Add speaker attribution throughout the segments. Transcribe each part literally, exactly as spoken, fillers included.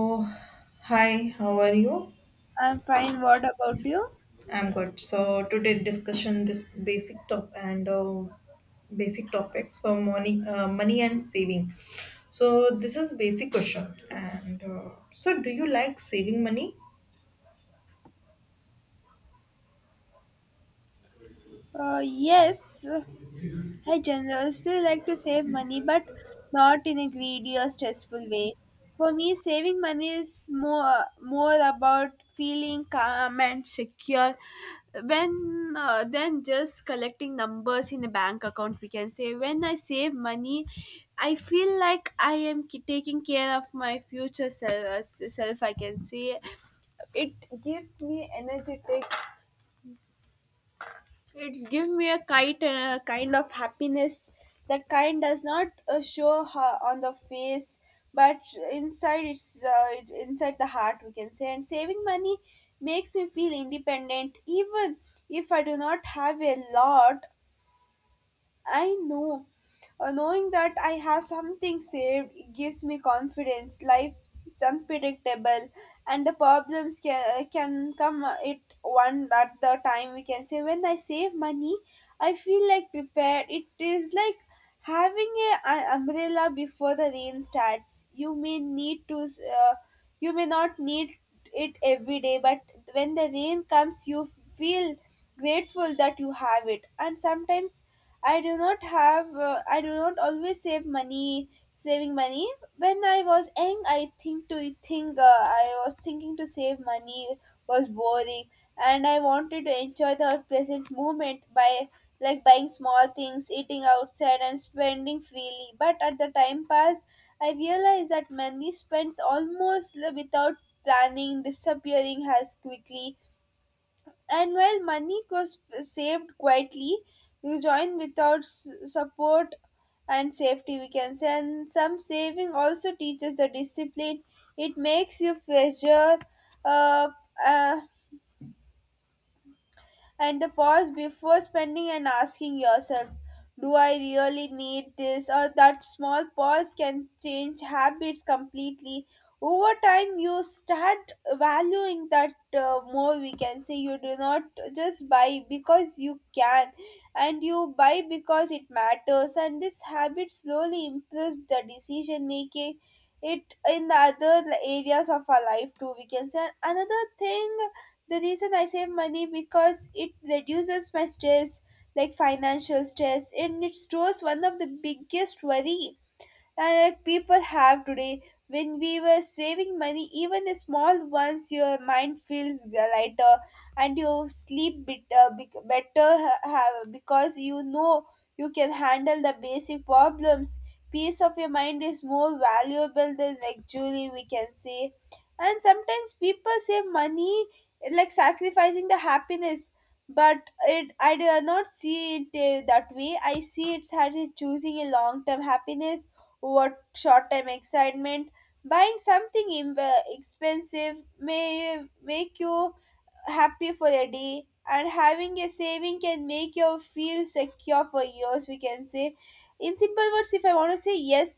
Speaker 1: Oh, hi, how are you?
Speaker 2: I'm fine. What about you?
Speaker 1: I'm good. So today discussion this basic top and uh, basic topic. So money, uh, money and saving. So this is basic question. And uh, so, do you like saving money?
Speaker 2: Uh, yes, I generously like to save money, but not in a greedy or stressful way. For me, saving money is more more about feeling calm and secure when uh, then just collecting numbers in a bank account, we can say. When I save money, I feel like I am ki- taking care of my future self, self I can say. It gives me energetic. It's give me a kite, uh, kind of happiness that kind does not uh, show ho- on the face, but inside it's uh, it- inside the heart, we can say. And saving money makes me feel independent, even if I do not have a lot. I know. Uh, knowing that I have something saved gives me confidence. Life is unpredictable, and the problems can, can come it one at the time, we can say. When I save money, I feel like prepared. It is like having a, an umbrella before the rain starts. You may need to. Uh, you may not need it every day, but when the rain comes, you feel grateful that you have it. And sometimes I do not have, uh, I do not always save money, saving money. When I was young, I think to think, uh, I was thinking to save money was boring, and I wanted to enjoy the present moment by like buying small things, eating outside, and spending freely. But at the time passed, I realized that money spends almost li- without planning, disappearing as quickly, and while money was saved quietly, you join without s- support and safety, we can say. And some saving also teaches the discipline. It makes you pressure, uh, uh, and the pause before spending and asking yourself, do I really need this? Or that small pause can change habits completely. Over time, you start valuing that uh, more, we can say. You do not just buy because you can, and you buy because it matters. And this habit slowly improves the decision making it in the other areas of our life too, we can say. Another thing, the reason I save money because it reduces my stress, like financial stress, and it stores one of the biggest worry and like people have today. When we were saving money, even the small ones, your mind feels lighter and you sleep bit, uh, bec- better ha- ha- because you know you can handle the basic problems. Peace of your mind is more valuable than luxury, we can say. And sometimes people save money like sacrificing the happiness, but it I do not see it uh, that way. I see it as choosing a long term happiness. What short-term excitement, buying something im- expensive may make you happy for a day, and having a saving can make you feel secure for years, we can say. In simple words, if I want to say yes,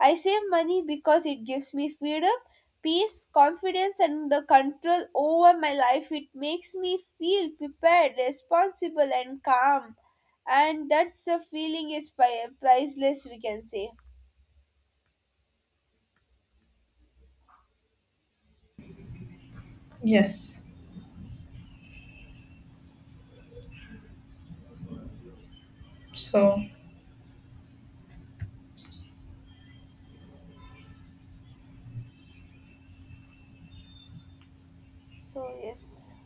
Speaker 2: I save money because it gives me freedom, peace, confidence, and the control over my life. It makes me feel prepared, responsible, and calm. And that's a feeling is pri- priceless, we can say.
Speaker 1: Yes. So
Speaker 2: So yes,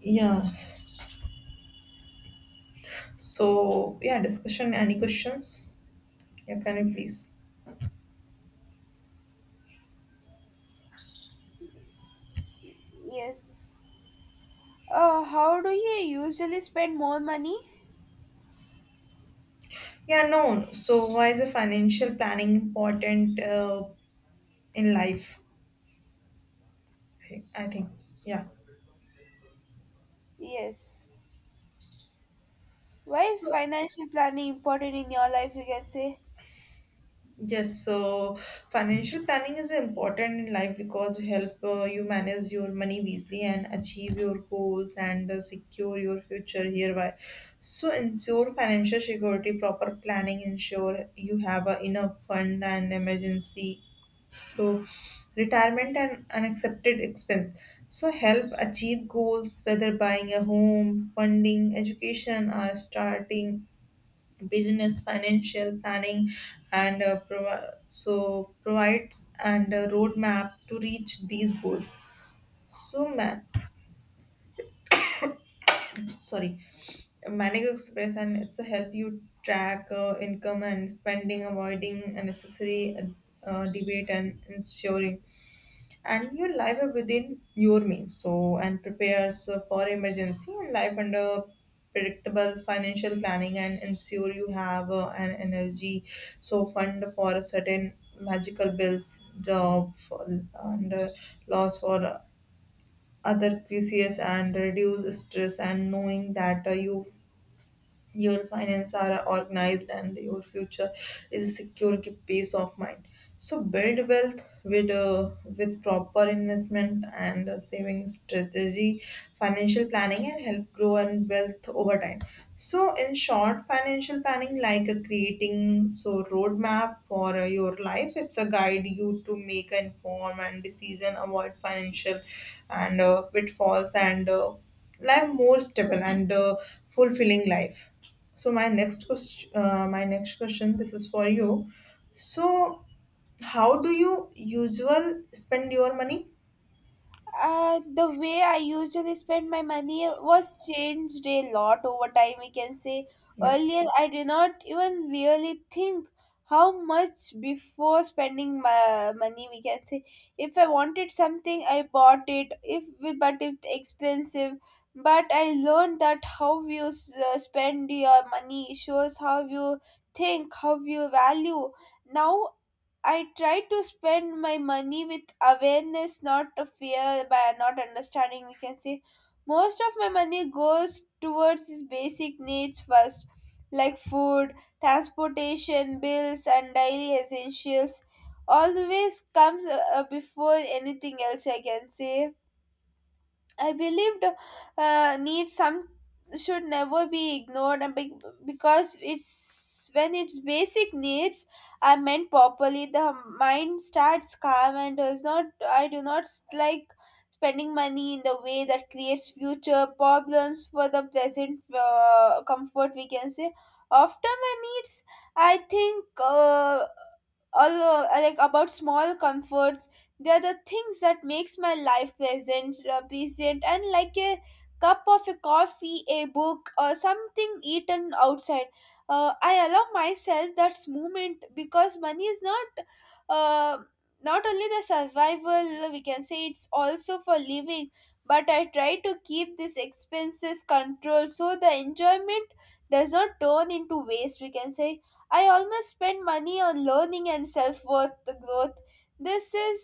Speaker 1: yes. So yeah, discussion. Any questions? Yeah, can you please?
Speaker 2: yes. Uh, how do you usually spend more money?
Speaker 1: Yeah, no. So why is the financial planning important uh, in life? I think. I think. Yeah.
Speaker 2: Yes. Why is
Speaker 1: So
Speaker 2: financial planning important in your life? You can say.
Speaker 1: Yes, so financial planning is important in life because help uh, you manage your money wisely and achieve your goals and uh, secure your future hereby. So ensure financial security, proper planning ensure you have a enough fund and emergency. So retirement and unaccepted expense. So help achieve goals whether buying a home, funding education or starting business financial planning and uh, provi- so provides and a roadmap to reach these goals so man sorry manic express and it's a help you track uh, income and spending avoiding unnecessary uh, debate and ensuring and your life within your means so and prepares for emergency and life under predictable financial planning and ensure you have uh, an energy so fund for a certain magical bills job for, and uh, loss for other crises and reduce stress and knowing that uh, you your finance are organized and your future is a secure ki- peace of mind so build wealth with uh, with proper investment and uh, saving strategy financial planning and help grow and wealth over time so in short financial planning like uh, creating so roadmap for uh, your life it's a guide you to make an informed and decision avoid financial and uh, pitfalls and uh, live more stable and uh, fulfilling life so my next question, uh, my next question, this is for you. So, how do you usual spend your money?
Speaker 2: Uh, the way I usually spend my money was changed a lot over time, we can say.
Speaker 1: Yes.
Speaker 2: Earlier I did not even really think how much before spending my money, we can say. If I wanted something, I bought it. If but it's expensive, but I learned that how you s- uh, spend your money shows how you think, how you value. Now I try to spend my money with awareness, not a fear by not understanding, we can say. Most of my money goes towards his basic needs first, like food, transportation, bills, and daily essentials. Always comes, uh, uh, before anything else, I can say. I believed uh, need some should never be ignored and be- because it's when its basic needs are meant properly, the mind starts calm and does not. I do not like spending money in the way that creates future problems for the present uh, comfort, we can say. After my needs, I think uh, although uh, like about small comforts, they are the things that makes my life pleasant uh, pleasant and like a cup of a coffee, a book, or something eaten outside. uh, I allow myself that moment because money is not uh, not only the survival, we can say. It's also for living, but I try to keep these expenses controlled so the enjoyment does not turn into waste, we can say. I almost spend money on learning and self worth growth. This is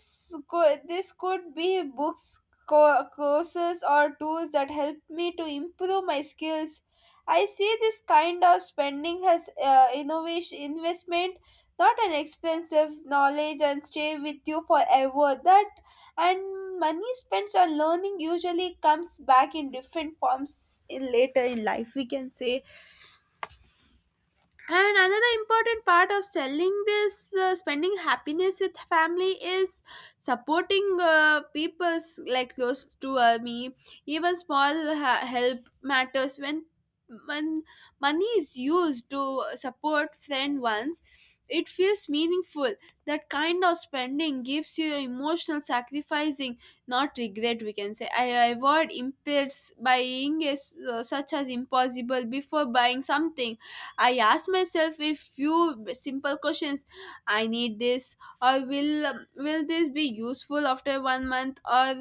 Speaker 2: co- this could be books, co- courses, or tools that help me to improve my skills. I see this kind of spending as uh, innovation investment, not an expensive knowledge, and stay with you forever. That, and money spent on learning usually comes back in different forms in later in life, we can say. And another important part of selling this uh, spending happiness with family is supporting uh, people's like close to uh, me. Even small ha- help matters when when money is used to support friend ones. It feels meaningful. That kind of spending gives you emotional sacrificing, not regret, we can say. I avoid impairs buying is uh, such as impossible. Before buying something I ask myself a few simple questions. I need this, or will will this be useful after one month, or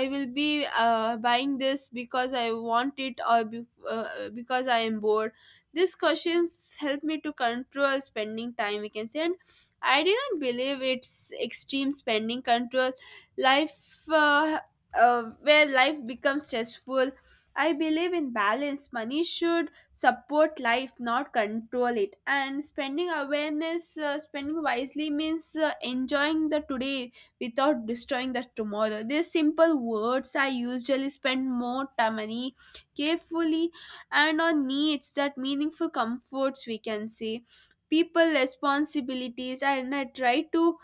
Speaker 2: I will be uh, buying this because I want it, or be, uh, because I am bored. These questions help me to control spending time, we can say. And I didn't believe it's extreme spending control life, uh, uh, where life becomes stressful. I believe in balance. Money should support life, not control it. And spending awareness, uh, spending wisely means uh, enjoying the today without destroying the tomorrow. These simple words, I usually spend more time money carefully and on needs that meaningful comforts, we can say. People responsibilities, and I try to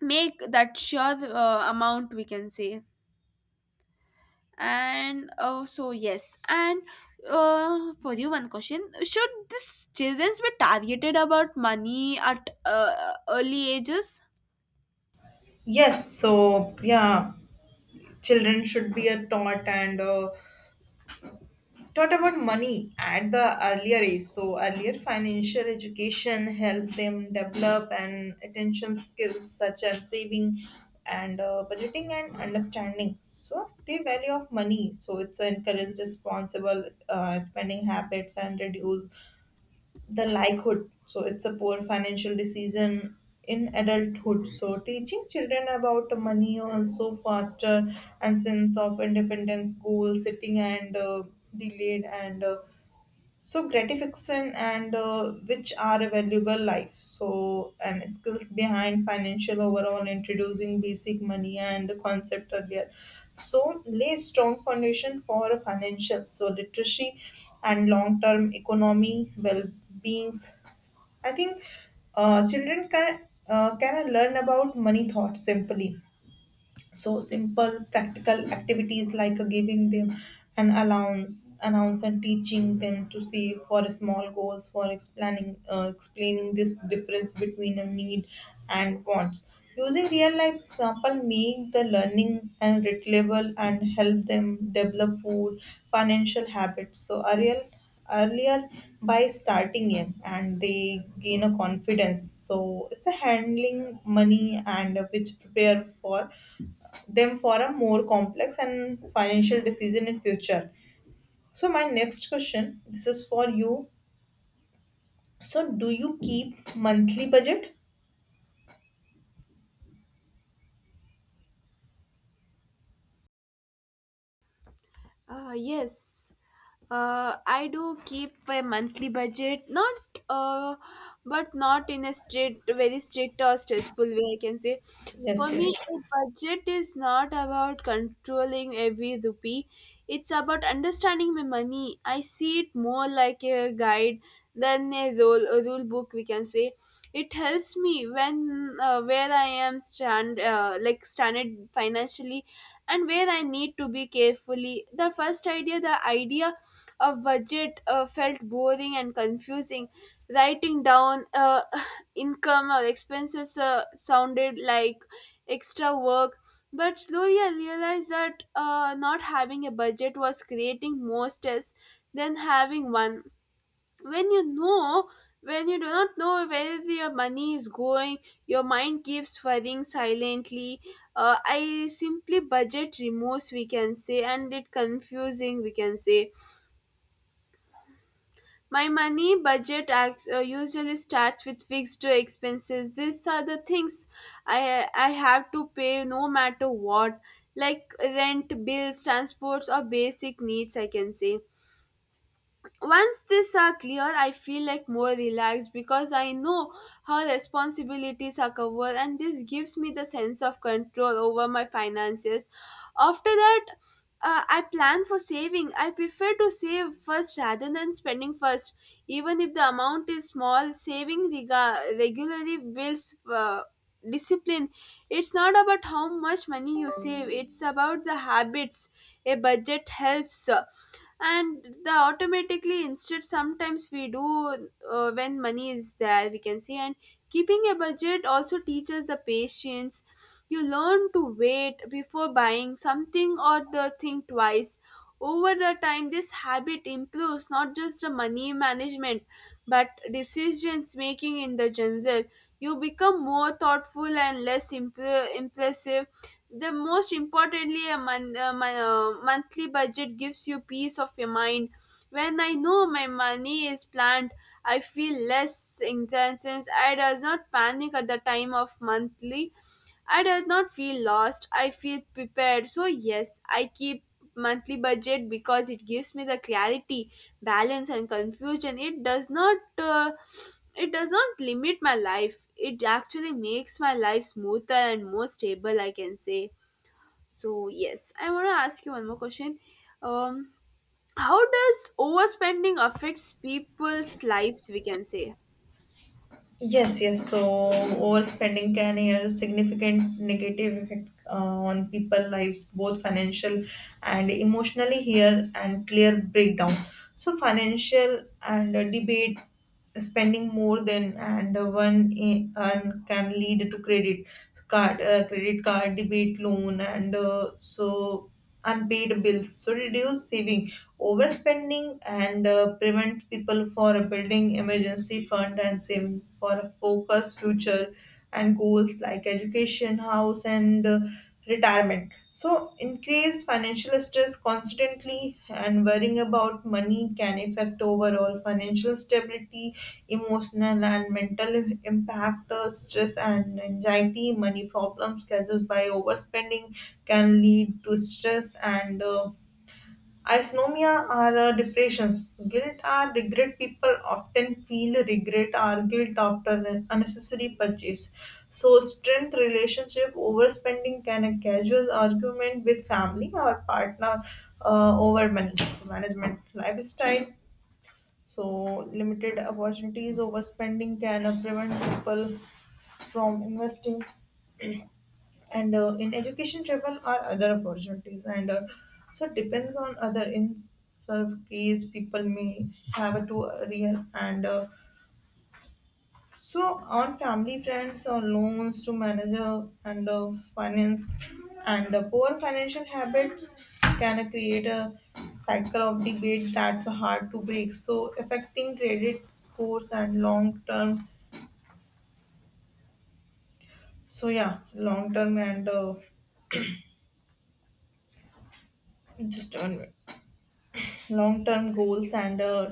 Speaker 2: make that sure uh, amount, we can say. And uh, so yes, and uh, for you, one question. Should this children be targeted about money at uh, early ages?
Speaker 1: Yes. So yeah, children should be a taught and uh, taught about money at the earlier age. So earlier financial education helped them develop an attention skills such as saving and uh, budgeting and understanding. So the value of money. So it's encouraged responsible uh, spending habits and reduce the likelihood. So it's a poor financial decision in adulthood. So teaching children about money also faster and sense of independence goal setting and uh, delayed and uh, so gratification and uh, which are a valuable life so and skills behind financial overall introducing basic money and concept earlier so lay strong foundation for financial so literacy and long-term economy well-beings I think uh, children can uh, can learn about money thought simply so simple practical activities like giving them an allowance, allowance and teaching them to save for small goals, for explaining uh, explaining this difference between a need and wants. Using real life example make the learning and relatable and help them develop food financial habits. So a real earlier by starting young and they gain a confidence so it's a handling money and which prepare for them for a more complex and financial decision in future so my next question this is for you so do you keep monthly budget
Speaker 2: Uh, yes, uh, I do keep a monthly budget, not uh, but not in a strict, very strict or stressful way, I can say. For
Speaker 1: yes yes
Speaker 2: me, a budget is not about controlling every rupee. It's about understanding my money. I see it more like a guide than a rule, a rule book, we can say. It helps me when uh, where I am stand, uh, like standard financially and where I need to be carefully. The first idea, the idea of budget uh, felt boring and confusing. Writing down, uh, income or expenses uh, sounded like extra work. But slowly I realized that uh, not having a budget was creating more stress than having one. When you know when you do not know where your money is going, your mind keeps worrying silently. uh, I simply budget remorse, we can say, and it confusing, we can say. My money budget acts, uh, usually starts with fixed expenses. These are the things i i have to pay no matter what, like rent, bills, transports, or basic needs, I can say. Once these are clear, I feel like more relaxed because I know how responsibilities are covered, and this gives me the sense of control over my finances. After that, uh, I plan for saving. I prefer to save first rather than spending first, even if the amount is small. Saving rega- regularly builds uh, discipline. It's not about how much money you save, it's about the habits. A budget helps, uh, and the automatically instead sometimes we do uh, when money is there, we can say. And keeping a budget also teaches the patience. You learn to wait before buying something or the thing twice. Over the time this habit improves not just the money management, but decisions making in the general. You become more thoughtful and less imp- impulsive. The most importantly, a, mon- a mon- a monthly budget gives you peace of your mind. When I know my money is planned, I feel less anxiety since I does not panic at the time of monthly. I does not feel lost. I feel prepared. So yes, I keep monthly budget because it gives me the clarity, balance, and confusion. It does not. Uh, it does not limit my life. It actually makes my life smoother and more stable, I can say. So yes, I want to ask you one more question. Um, how does overspending affects people's lives? We can say.
Speaker 1: Yes, yes. So overspending can have a significant negative effect uh, on people' lives, both financial and emotionally. Here and clear breakdown. So financial and uh, debate spending more than and uh, one i- and can lead to credit card, uh, credit card debate loan, and uh, so unpaid bills. So reduce saving overspending and uh, prevent people from building emergency fund and saving for a focused future and goals like education, house, and uh, retirement. So, increase financial stress constantly and worrying about money can affect overall financial stability, emotional and mental impact, uh, stress and anxiety, money problems caused by overspending can lead to stress and uh, Isomia are uh, depressions. Guilt are regret. People often feel regret or guilt after unnecessary purchase. So, strength relationship overspending can a casual argument with family or partner uh, over man- management lifestyle. So, limited opportunities overspending can uh, prevent people from investing and uh, in education travel or other opportunities and uh, so it depends on other in some case people may have to real and uh, so on family friends or loans to manager and uh, finance and uh, poor financial habits can uh, create a cycle of debate that's hard to break so affecting credit scores and long term so yeah long term and uh, just one minute long term goals and uh,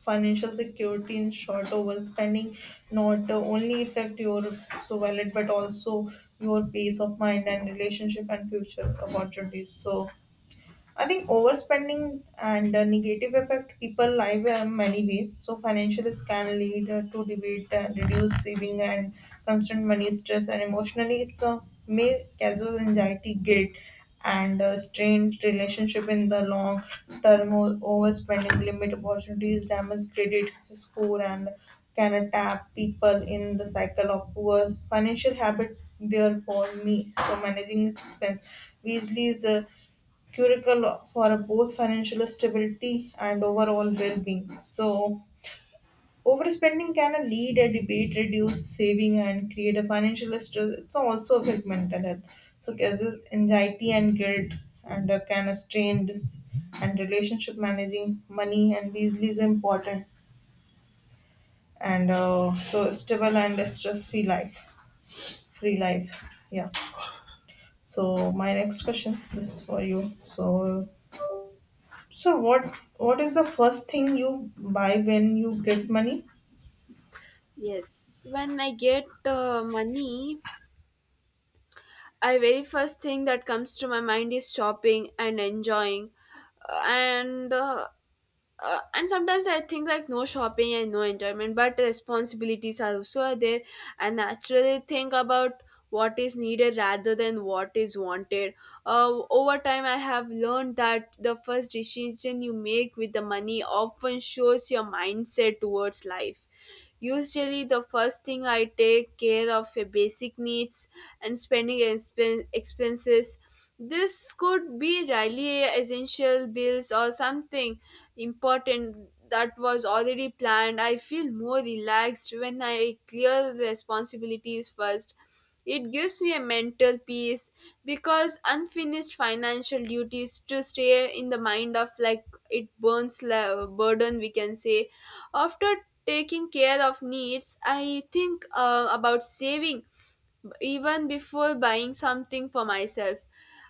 Speaker 1: financial security in short overspending not uh, only affect your so wallet but also your peace of mind and relationship and future opportunities so I think overspending and the negative effect people live in many ways. So financials can lead uh, to debate and reduce saving and constant money stress and emotionally it's a may causes anxiety, guilt and uh, strained relationship in the long term. O- Overspending limit opportunities, damage credit score and can attack people in the cycle of poor financial habit. Therefore, me so managing expense. Wisely is a crucial for both financial stability and overall well-being. So, overspending can lead a debate, reduce saving, and create a financial stress. It's also affect mental health. So, causes anxiety and guilt, and uh, can strain this and relationship managing money and easily is important. And uh, so, stable and stress-free life, free life. Yeah. So, my next question this is for you. So, So what what is the first thing you buy when you get money?
Speaker 2: Yes, when I get uh, money, I very first thing that comes to my mind is shopping and enjoying, and uh, uh, and sometimes I think like no shopping and no enjoyment, but responsibilities are also there. I naturally think about what is needed rather than what is wanted. Uh, over time, I have learned that the first decision you make with the money often shows your mindset towards life. Usually, the first thing I take care of uh, basic needs and spending expen- expenses. This could be really essential bills or something important that was already planned. I feel more relaxed when I clear the responsibilities first. It gives me a mental peace because unfinished financial duties to stay in the mind of like it burns la- burden, we can say. After taking care of needs, I think uh, about saving even before buying something for myself.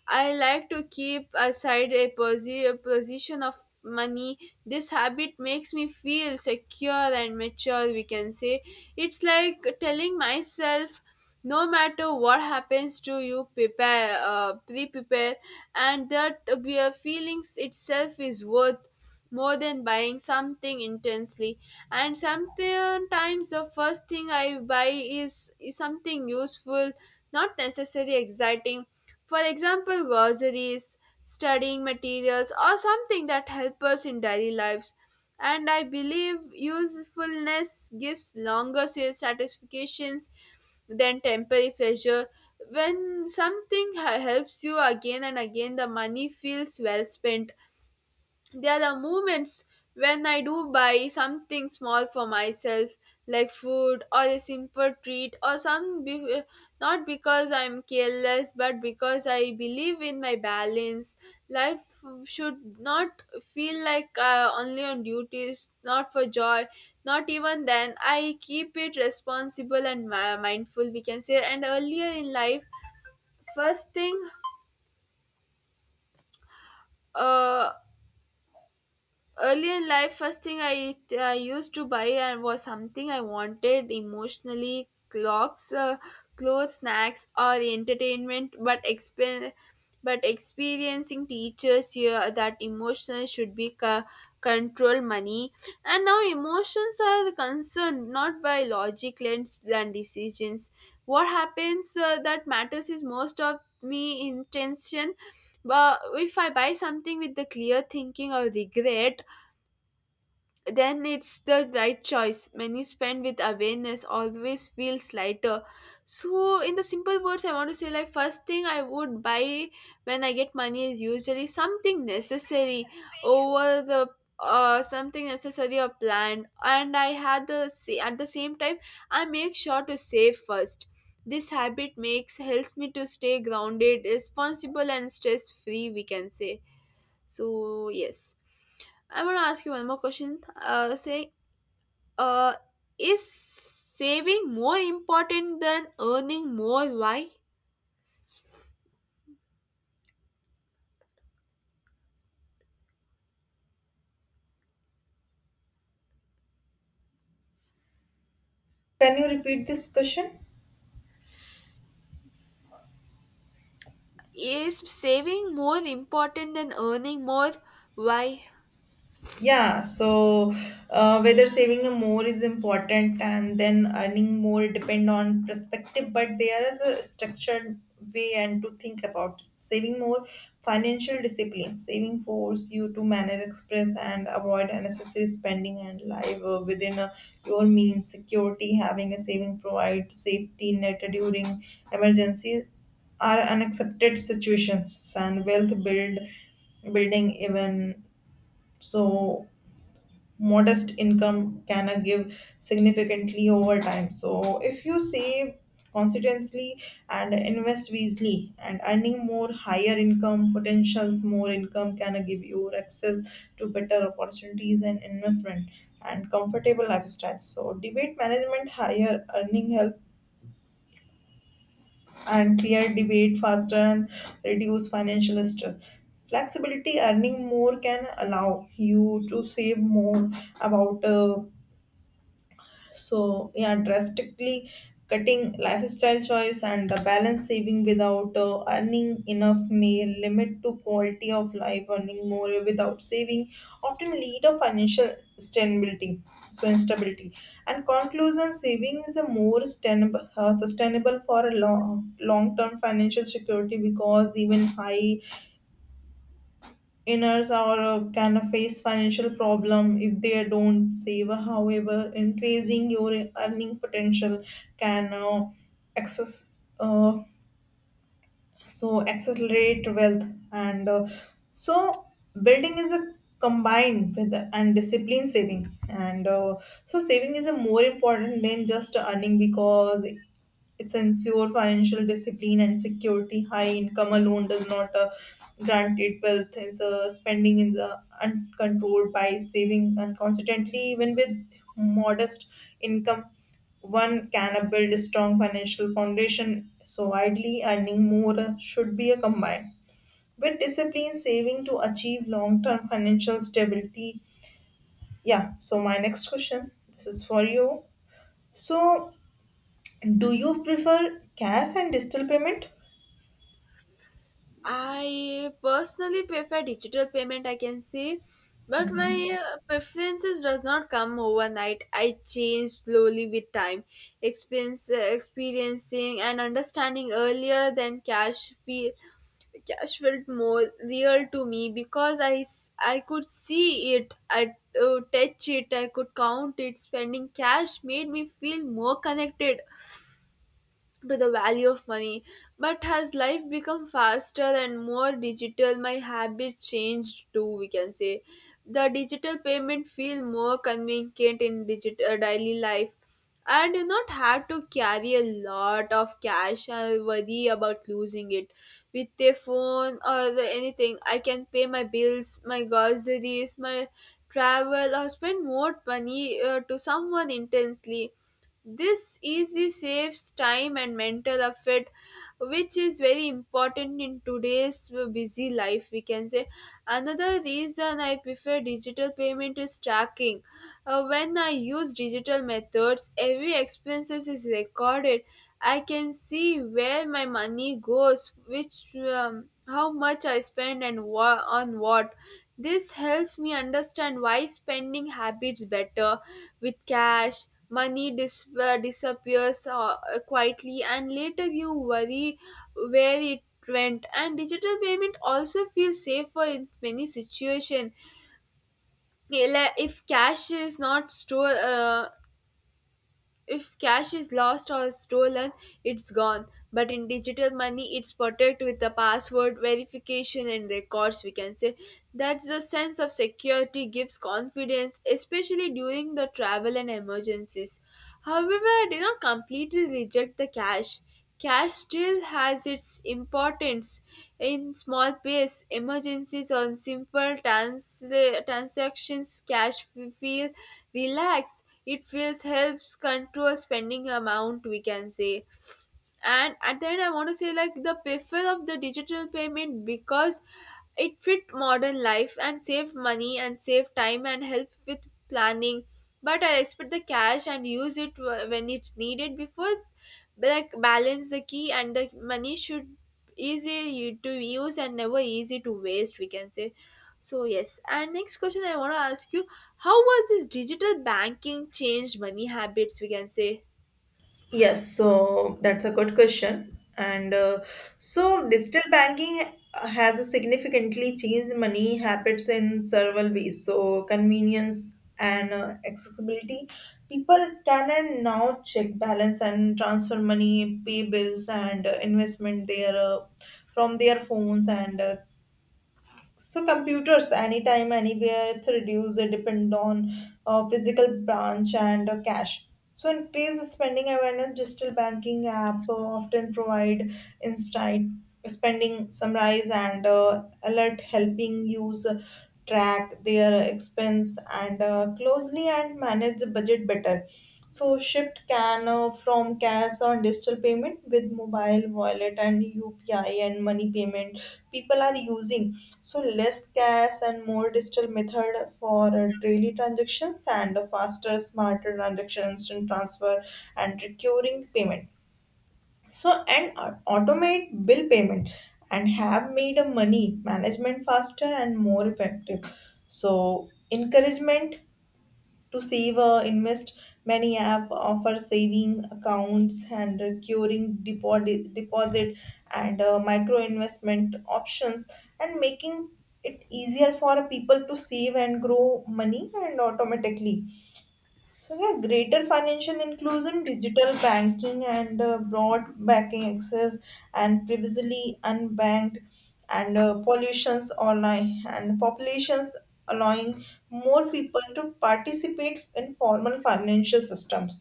Speaker 2: I like to keep aside a, posi- a position of money. This habit makes me feel secure and mature, we can say. It's like telling myself no matter what happens to you prepare uh, pre-prepare, and that uh, feelings itself is worth more than buying something intensely. And sometimes the first thing I buy is, is something useful, not necessarily exciting. For example, groceries, studying materials, or something that help us in daily lives. And I believe usefulness gives longer sales satisfactions than temporary pleasure. When something h- helps you again and again, the money feels well spent. There are the moments when I do buy something small for myself, like food or a simple treat, or some be- not because I'm careless, but because I believe in my balance. Life should not feel like uh, only on duties, not for joy, not even then. I keep it responsible and mi- mindful, we can say. And earlier in life, first thing uh, early in life first thing i, I used to buy and was something I wanted emotionally, clocks uh, clothes, snacks, or entertainment, but expen- but experiencing teachers here that emotions should be co- control money. And now emotions are concerned not by logic lens and decisions. What happens uh, that matters is most of me intention, but if I buy something with the clear thinking or regret, then it's the right choice. Many spend with awareness always feels lighter. So, in the simple words, I want to say like first thing I would buy when I get money is usually something necessary over the uh something necessary or planned. And I had the sa- at the same time I make sure to save first. This habit makes helps me to stay grounded, responsible, and stress free. We can say. So yes, I want to ask you one more question. Uh, say, uh, is saving more important than earning more? Why?
Speaker 1: Can you repeat this question?
Speaker 2: Is saving more important than earning more? Why?
Speaker 1: Yeah, so uh, whether saving more is important and then earning more depend on perspective, but there is a structured way and to think about it. Saving more financial discipline, saving force you to manage express and avoid unnecessary spending and live uh, within uh, your means. Security, having a saving provide safety net during emergencies are unaccepted situations and wealth build building even so modest income can uh, give significantly over time. So if you save consistently and invest wisely and earning more higher income potentials more income can uh, give you access to better opportunities and investment and comfortable lifestyles so debate management higher earning help and clear debate faster and reduce financial stress flexibility earning more can allow you to save more about uh, So yeah, drastically cutting lifestyle choice and the balance saving without uh, earning enough may limit to quality of life. Earning more without saving often lead a financial stability. So instability and conclusion saving is a more sustainable, uh, sustainable for a long long term financial security because even high inners are uh, can face financial problem if they don't save however increasing your earning potential can uh, access uh, so accelerate wealth and uh, so building is a combined with and discipline saving and uh, so saving is a more important than just earning because it's ensure financial discipline and security. High income alone does not uh, grant it wealth. It's uh, spending is uh, uncontrolled by saving, and consequently, even with modest income, one can build a strong financial foundation. So, ideally, earning more uh, should be a combined with discipline saving to achieve long-term financial stability. Yeah. So, my next question. This is for you. So, do you prefer cash and digital payment?
Speaker 2: I personally prefer digital payment, I can say, but
Speaker 1: Mhm.
Speaker 2: my uh, preferences does not come overnight. I change slowly with time, experience, uh, experiencing and understanding earlier than cash feel cash felt more real to me because I, s- I could see it, I uh, touch it, I could count it. Spending cash made me feel more connected to the value of money. But has life become faster and more digital, my habit changed too, we can say. The digital payment feel more convenient in digital daily life. I do not have to carry a lot of cash and worry about losing it. With a phone or the anything, I can pay my bills, my groceries, my travel, or spend more money uh, to someone intensely. This easy saves time and mental effort, which is very important in today's busy life, we can say. Another reason I prefer digital payment is tracking. Uh, when I use digital methods, every expenses is recorded. I can see where my money goes, which um, how much I spend, and wha- on what. This helps me understand why spending habits better with cash. Money dis- uh, disappears uh, quietly, and later you worry where it went. And digital payment also feels safer in many situations. Like, if cash is not stored, uh, if cash is lost or stolen, it's gone. But in digital money, it's protected with a password, verification, and records, we can say. That's the sense of security gives confidence, especially during the travel and emergencies. However, I do not completely reject the cash. Cash still has its importance in small pays emergencies or simple transla- transactions. Cash f- feel relax. It feels helps control spending amount, we can say. And at the end I want to say like the prefer of the digital payment because it fit modern life and save money and save time and help with planning, but I expect the cash and use it wh- when it's needed before, like balance the key and the money should easy to use and never easy to waste, we can say. So yes, and next question I want to ask you, how was this digital banking changed money habits, we can say?
Speaker 1: Yes, so that's a good question. And uh, so digital banking has a significantly changed money habits in several ways. So convenience and uh, accessibility. People can and now check balance and transfer money, pay bills and uh, investment their uh, from their phones and uh, So computers, anytime, anywhere, it's reduced, it depend on uh, physical branch and uh, cash. So increased spending awareness, digital banking app uh, often provide insight, spending summarize and uh, alert helping user track their expense and uh, closely and manage the budget better. So Shift can uh, from cash or digital payment with mobile wallet and U P I and money payment people are using. So less cash and more digital method for uh, daily transactions and a faster, smarter transaction, instant transfer and recurring payment. So and uh, automate bill payment and have made a money management faster and more effective. So encouragement to save or invest, many app offer saving accounts and recurring deposit, deposit and uh, micro investment options, and making it easier for people to save and grow money and automatically. So yeah, greater financial inclusion, digital banking, and uh, broad banking access, and previously unbanked, and uh, pollutions online, and populations allowing more people to participate in formal financial systems.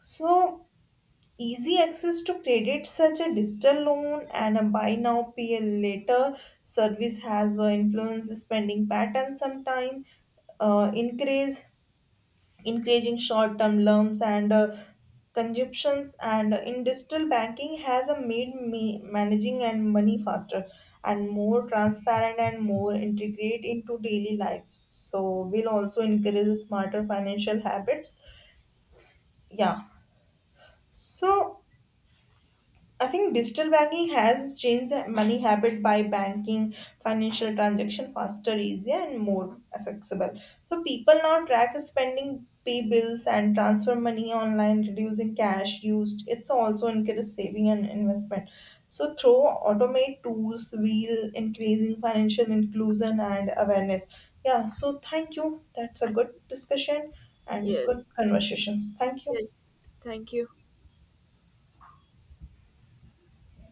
Speaker 1: So easy access to credit, such a digital loan and a buy now pay later service, has uh, influenced spending patterns sometime uh, increase increasing short-term loans and uh, consumptions and in digital banking has a made me managing and money faster and more transparent and more integrate into daily life so will also encourage smarter financial habits yeah so I think digital banking has changed the money habit by banking financial transaction faster, easier, and more accessible. So people now track spending, pay bills, and transfer money online, reducing cash used. It's also increased saving and investment. So through automate tools, we'll increasing financial inclusion and awareness. Yeah. So thank you. That's a good discussion and good
Speaker 2: Yes,
Speaker 1: conversations. Thank you.
Speaker 2: yes, thank you.